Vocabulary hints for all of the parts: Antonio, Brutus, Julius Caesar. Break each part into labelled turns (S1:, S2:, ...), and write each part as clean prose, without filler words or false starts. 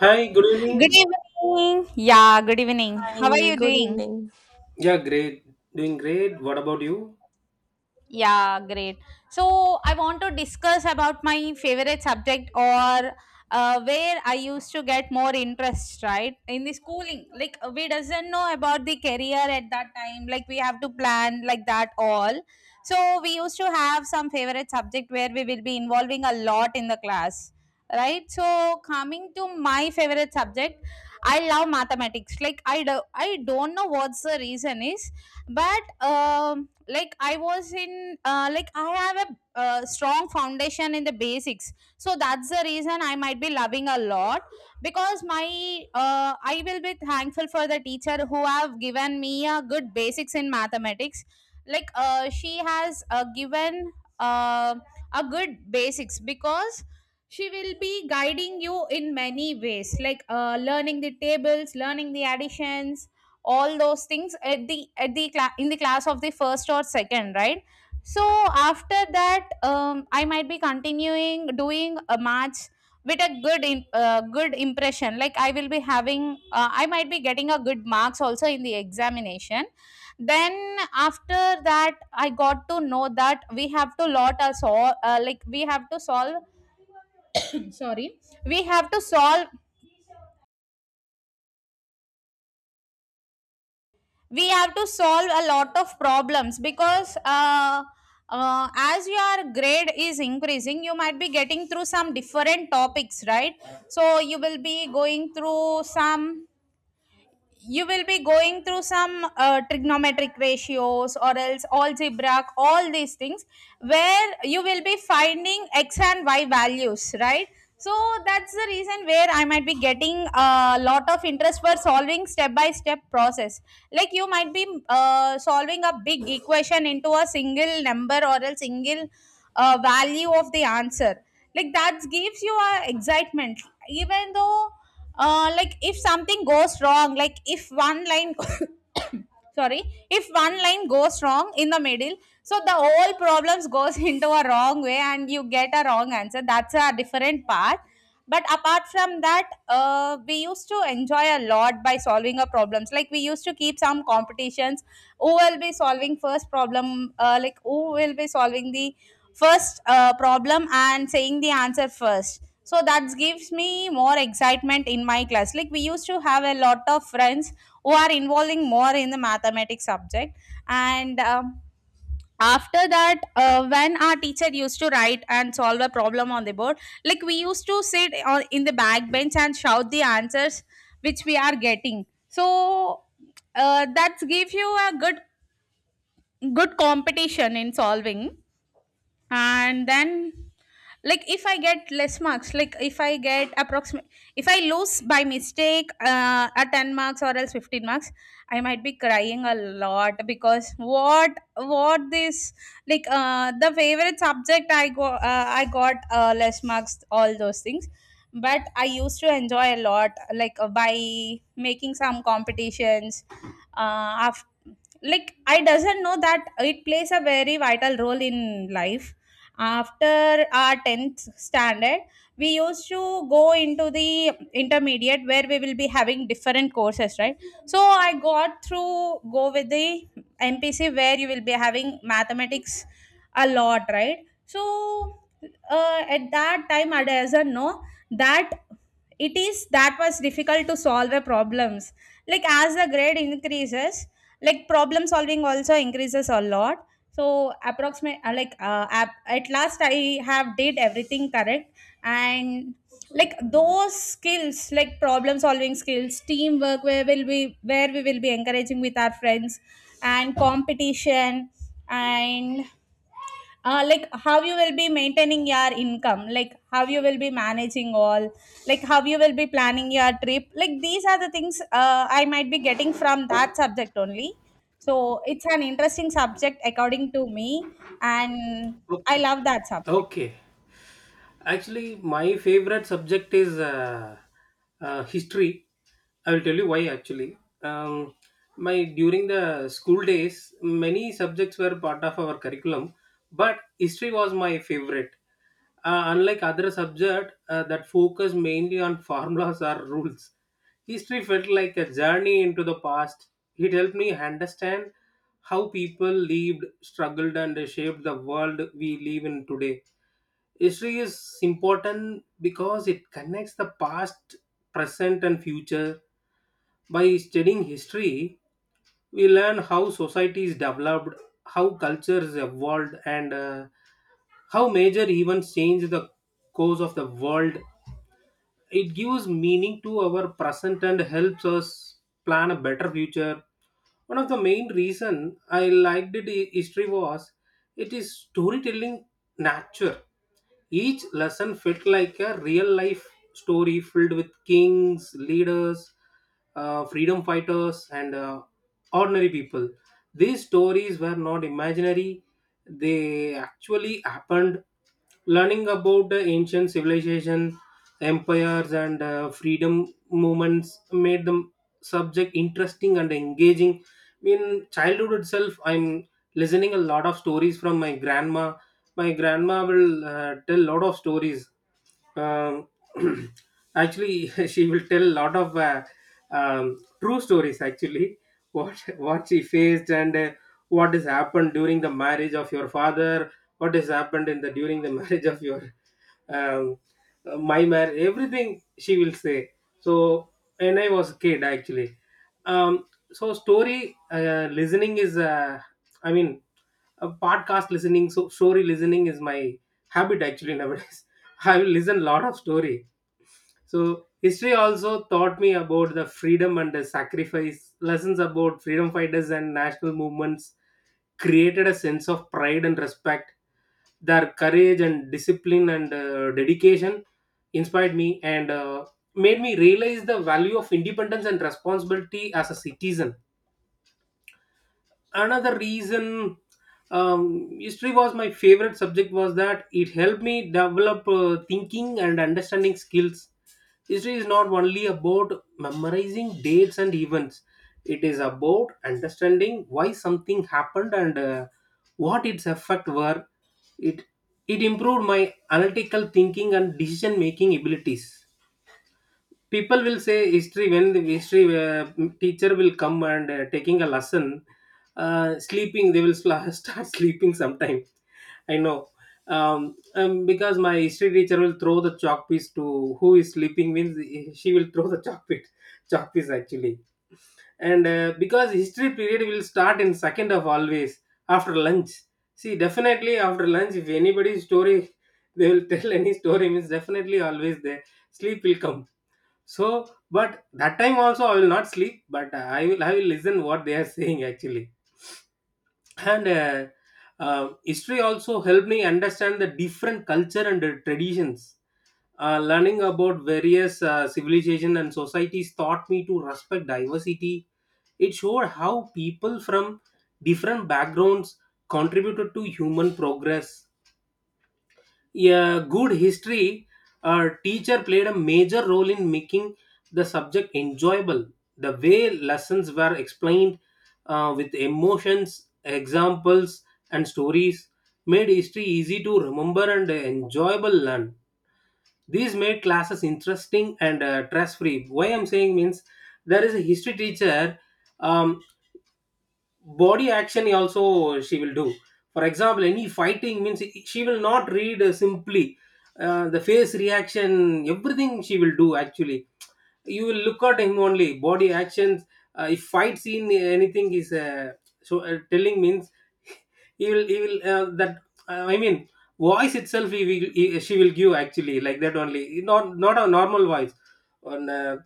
S1: Hi, good evening.
S2: Good evening. Yeah, good evening. How are
S3: Hi,
S2: you
S3: good
S2: doing?
S3: evening.
S1: Yeah, great. Doing great. What about you?
S2: Yeah, great. So I want to discuss about my favorite subject or where I used to get more interest, right? In the schooling, like we doesn't know about the career at that time. Like we have to plan like that all. So we used to have some favorite subject where we will be involving a lot in the class, right? So coming to my favorite subject, I love mathematics. Like I do, I don't know what's the reason is, but like I was in like I have a strong foundation in the basics, so that's the reason I might be loving a lot because my I will be thankful for the teacher who have given me a good basics in mathematics. Like she has given uh, a good basics, because she will be guiding you in many ways, like learning the tables, learning the additions, all those things at the in the class of the first or second, right? So after that I might be continuing doing a match with a good in, good impression. Like I will be having I might be getting a good marks also in the examination. Then after that I got to know that we have to lot us all like we have to solve, sorry, we have to solve, we have to solve a lot of problems, because as your grade is increasing, you might be getting through some different topics, right? So you will be going through some, you will be going through some trigonometric ratios or else algebra, all these things where you will be finding x and y values, right? So that's the reason where I might be getting a lot of interest for solving step by step process. Like you might be solving a big equation into a single number or a single value of the answer. Like that gives you a excitement. Even though like if something goes wrong, like if one line sorry, if one line goes wrong in the middle, so the whole problems goes into a wrong way and you get a wrong answer, that's a different part. But apart from that, we used to enjoy a lot by solving our problems. Like we used to keep some competitions, who will be solving first problem, like who will be solving the first problem and saying the answer first. So that gives me more excitement in my class. Like we used to have a lot of friends who are involving more in the mathematics subject. And after that when our teacher used to write and solve a problem on the board, like we used to sit on in the back bench and shout the answers which we are getting. So that gives you a good, good competition in solving. And then, like if I get less marks, like if I get approximate, if I lose by mistake a 10 marks or else 15 marks, I might be crying a lot because what this, like the favorite subject I go, I got less marks, all those things. But I used to enjoy a lot, like by making some competitions. After like I doesn't know that it plays a very vital role in life. After our 10th standard we used to go into the intermediate where we will be having different courses, right? So I got through, go with the MPC, where you will be having mathematics a lot, right? So at that time I doesn't know that it is, that was difficult to solve the problems. Like as the grade increases, like problem solving also increases a lot. So approximate like at last I have did everything correct. And like those skills, like problem solving skills, teamwork where will we, where we will be encouraging with our friends, and competition, and like how you will be maintaining your income, like how you will be managing all, like how you will be planning your trip, like these are the things I might be getting from that subject only. So it's an interesting subject according to me. And I
S1: Okay.
S2: love that subject.
S1: Okay. Actually, my favorite subject is history. I will tell you why. Actually, um, my During the school days, many subjects were part of our curriculum, but history was my favorite. Unlike other subject that focus mainly on formulas or rules, history felt like a journey into the past. It helped me understand how people lived, struggled, and shaped the world we live in today. History is important because it connects the past, present, and future. By studying history, we learn how societies developed, how cultures evolved, and how major events change the course of the world. It gives meaning to our present and helps us plan a better future. One of the main reason I liked history was it is storytelling nature. Each lesson felt like a real life story filled with kings, leaders, freedom fighters, and ordinary people. These stories were not imaginary; they actually happened. Learning about the ancient civilization, empires, and freedom movements made the subject interesting and engaging. In childhood itself, I'm listening a lot of stories from my grandma. My grandma will tell a lot of stories. Um, Actually, she will tell a lot of true stories actually. What she faced and what has happened during the marriage of your father, what has happened in the during the marriage of your um, my marriage, everything she will say. So when I was a kid actually, um, so story listening is i mean a podcast listening, so story listening is my habit actually. Nowadays I will listen lot of story. So history also taught me about the freedom and the sacrifice, lessons about freedom fighters and national movements created a sense of pride and respect. Their courage and discipline and dedication inspired me and made me realize the value of independence and responsibility as a citizen. Another reason history was my favorite subject was that it helped me develop thinking and understanding skills. History is not only about memorizing dates and events, it is about understanding why something happened and what its effect were. It it improved my analytical thinking and decision making abilities. People will say history. When the history teacher will come and taking a lesson, sleeping, they will start sleeping sometime. I know. um, because my history teacher will throw the chalk piece to who is sleeping means, she will throw the chalk piece, chalk piece actually. And because history period will start in second of always after lunch. See, definitely after lunch if anybody's story, they will tell any story means, definitely always there sleep will come. So, but that time also I will not sleep, but I will listen what they are saying actually. And History also helped me understand the different culture and traditions. Learning about various civilization and societies taught me to respect diversity. It showed how people from different backgrounds contributed to human progress. Yeah, good history teacher played a major role in making the subject enjoyable. The way lessons were explained with emotions, examples, and stories made history easy to remember and enjoyable learn. These made classes interesting and stress free. Why I'm saying means, there is a history teacher. Um, Body action also she will do. For example any fighting means, she will not read simply the face reaction, everything she will do actually. You will look at him only body actions. If fight scene anything is so telling means, he will that I mean voice itself she will give actually, like that only, not not a normal voice on uh,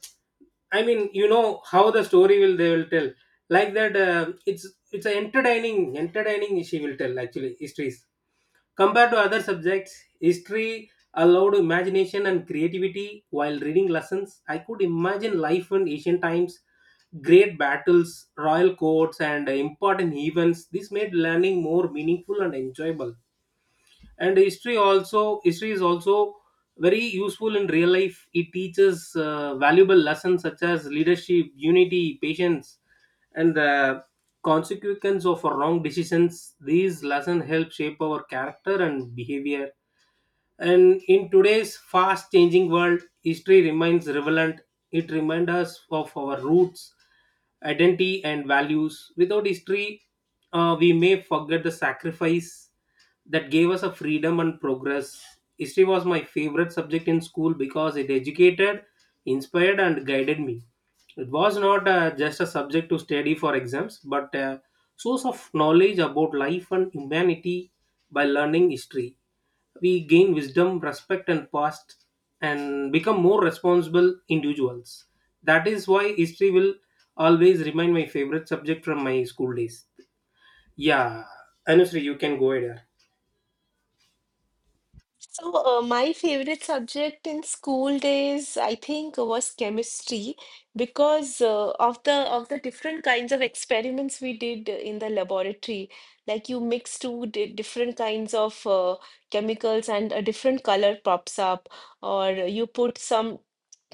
S1: i mean You know how the story will they will tell, like that, it's a entertaining she will tell actually histories. Compared to other subjects, history allowed imagination and creativity. While reading lessons I could imagine life in ancient times, great battles, royal courts, and important events. This made learning more meaningful and enjoyable. And history also history is also very useful in real life. It teaches valuable lessons such as leadership, unity, patience, and the consequence of wrong decisions. These lessons help shape our character and behavior. And in today's fast changing world, history remains relevant. It reminds us of our roots, identity, and values. Without history, we may forget the sacrifice that gave us a freedom and progress. History was my favorite subject in school because it educated, inspired, and guided me. It was not just a subject to study for exams, but a source of knowledge about life and humanity. By learning history we gain wisdom, respect, and past, and become more responsible individuals. That is why history will always remain my favorite subject from my school days. Yeah, Anusri, you can go ahead.
S3: So, my favorite subject in school days, I think, was chemistry because of the different kinds of experiments we did in the laboratory. Like you mix two di different kinds of chemicals and a different color pops up, or you put some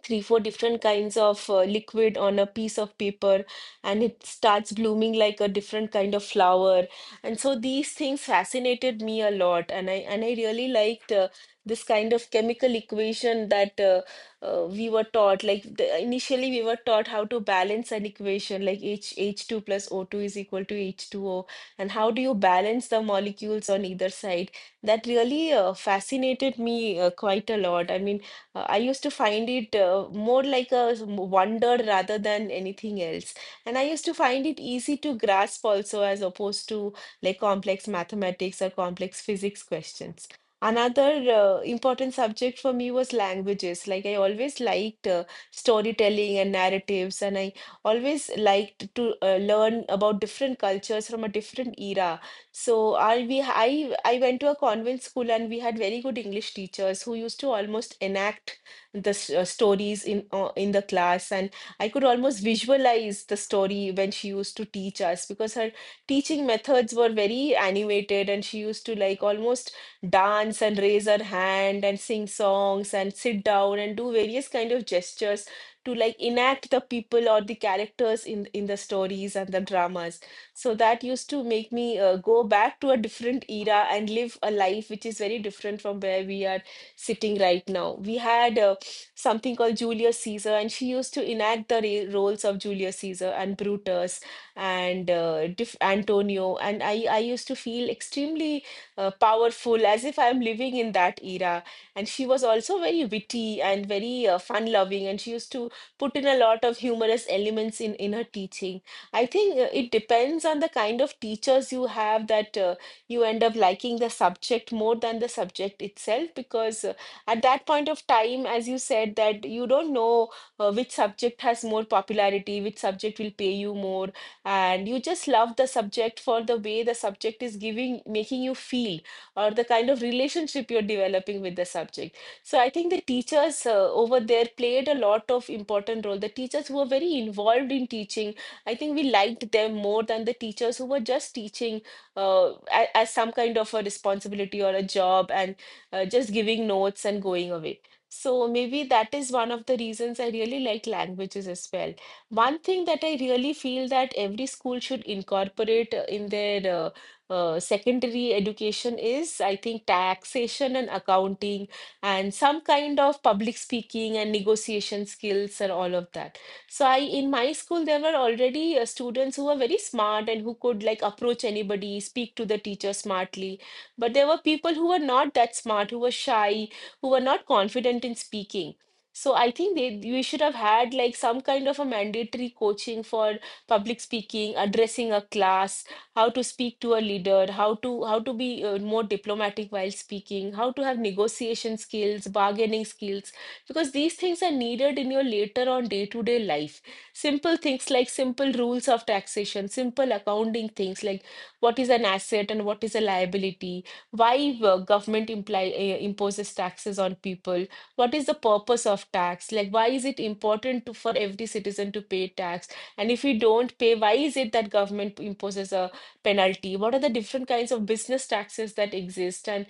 S3: three, four different kinds of liquid on a piece of paper, and it starts blooming like a different kind of flower. And so these things fascinated me a lot, and I really liked this kind of chemical equation that we were taught. Like initially, we were taught how to balance an equation, like H H2 plus O2 is equal to H2O, and how do you balance the molecules on either side? That really fascinated me quite a lot. I mean, I used to find it more like a wonder rather than anything else. And I used to find it easy to grasp also, as opposed to like complex mathematics or complex physics questions. Another important subject for me was languages. Like I always liked storytelling and narratives, and I always liked to learn about different cultures from a different era. So our, we I went to a convent school, and we had very good English teachers who used to almost enact the stories in the class, and I could almost visualize the story when she used to teach us because her teaching methods were very animated, and she used to like almost dance and raise her hand and sing songs and sit down and do various kind of gestures to like enact the people or the characters in the stories and the dramas. So that used to make me go back to a different era and live a life which is very different from where we are sitting right now. We had something called Julius Caesar, and she used to enact the roles of Julius Caesar and Brutus and Antonio. And I used to feel extremely powerful as if I'm living in that era. And she was also very witty and very fun loving, and she used to put in a lot of humorous elements in her teaching. I think it depends on the kind of teachers you have that you end up liking the subject more than the subject itself, because at that point of time, as you said, that you don't know which subject has more popularity, which subject will pay you more, and you just love the subject for the way the subject is giving, making you feel, or the kind of relationship you're developing with the subject. So I think the teachers over there played a lot of important role. The teachers who were very involved in teaching, I think we liked them more than the teachers who were just teaching as some kind of a responsibility or a job and just giving notes and going away. So maybe that is one of the reasons I really like languages as well. One thing that I really feel that every school should incorporate in their secondary education is, I think, taxation and accounting and some kind of public speaking and negotiation skills and all of that. So I in my school, there were already students who were very smart and who could like approach anybody, speak to the teacher smartly. But there were people who were not that smart, who were shy, who were not confident in speaking. So I think they we should have had like some kind of a mandatory coaching for public speaking, addressing a class, how to speak to a leader, how to be more diplomatic while speaking, how to have negotiation skills, bargaining skills, because these things are needed in your later on day-to-day life. Simple things like simple rules of taxation, simple accounting things like what is an asset and what is a liability, why government imposes taxes on people, what is the purpose of tax, like why is it important for every citizen to pay tax, and if you don't pay, why is it that government imposes a penalty? What are the different kinds of business taxes that exist, and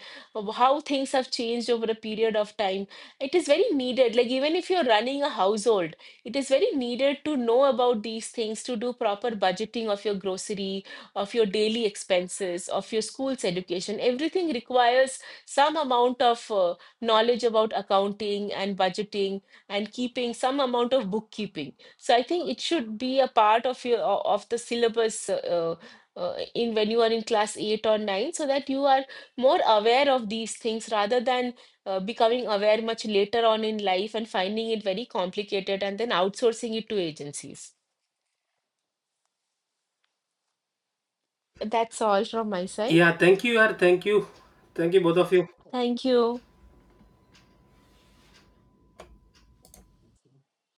S3: how things have changed over a period of time? It is very needed, like even if you're running a household, it is very needed to know about these things to do proper budgeting of your grocery, of your daily expenses, of your school's education. Everything requires some amount of knowledge about accounting and budgeting and keeping some amount of bookkeeping. So I think it should be a part of your of the syllabus in when you are in class 8 or 9, so that you are more aware of these things rather than becoming aware much later on in life and finding it very complicated and then outsourcing it to agencies. That's all from my
S1: Yeah,
S3: side.
S1: thank you, yaar. Thank you both of you.
S3: Thank you.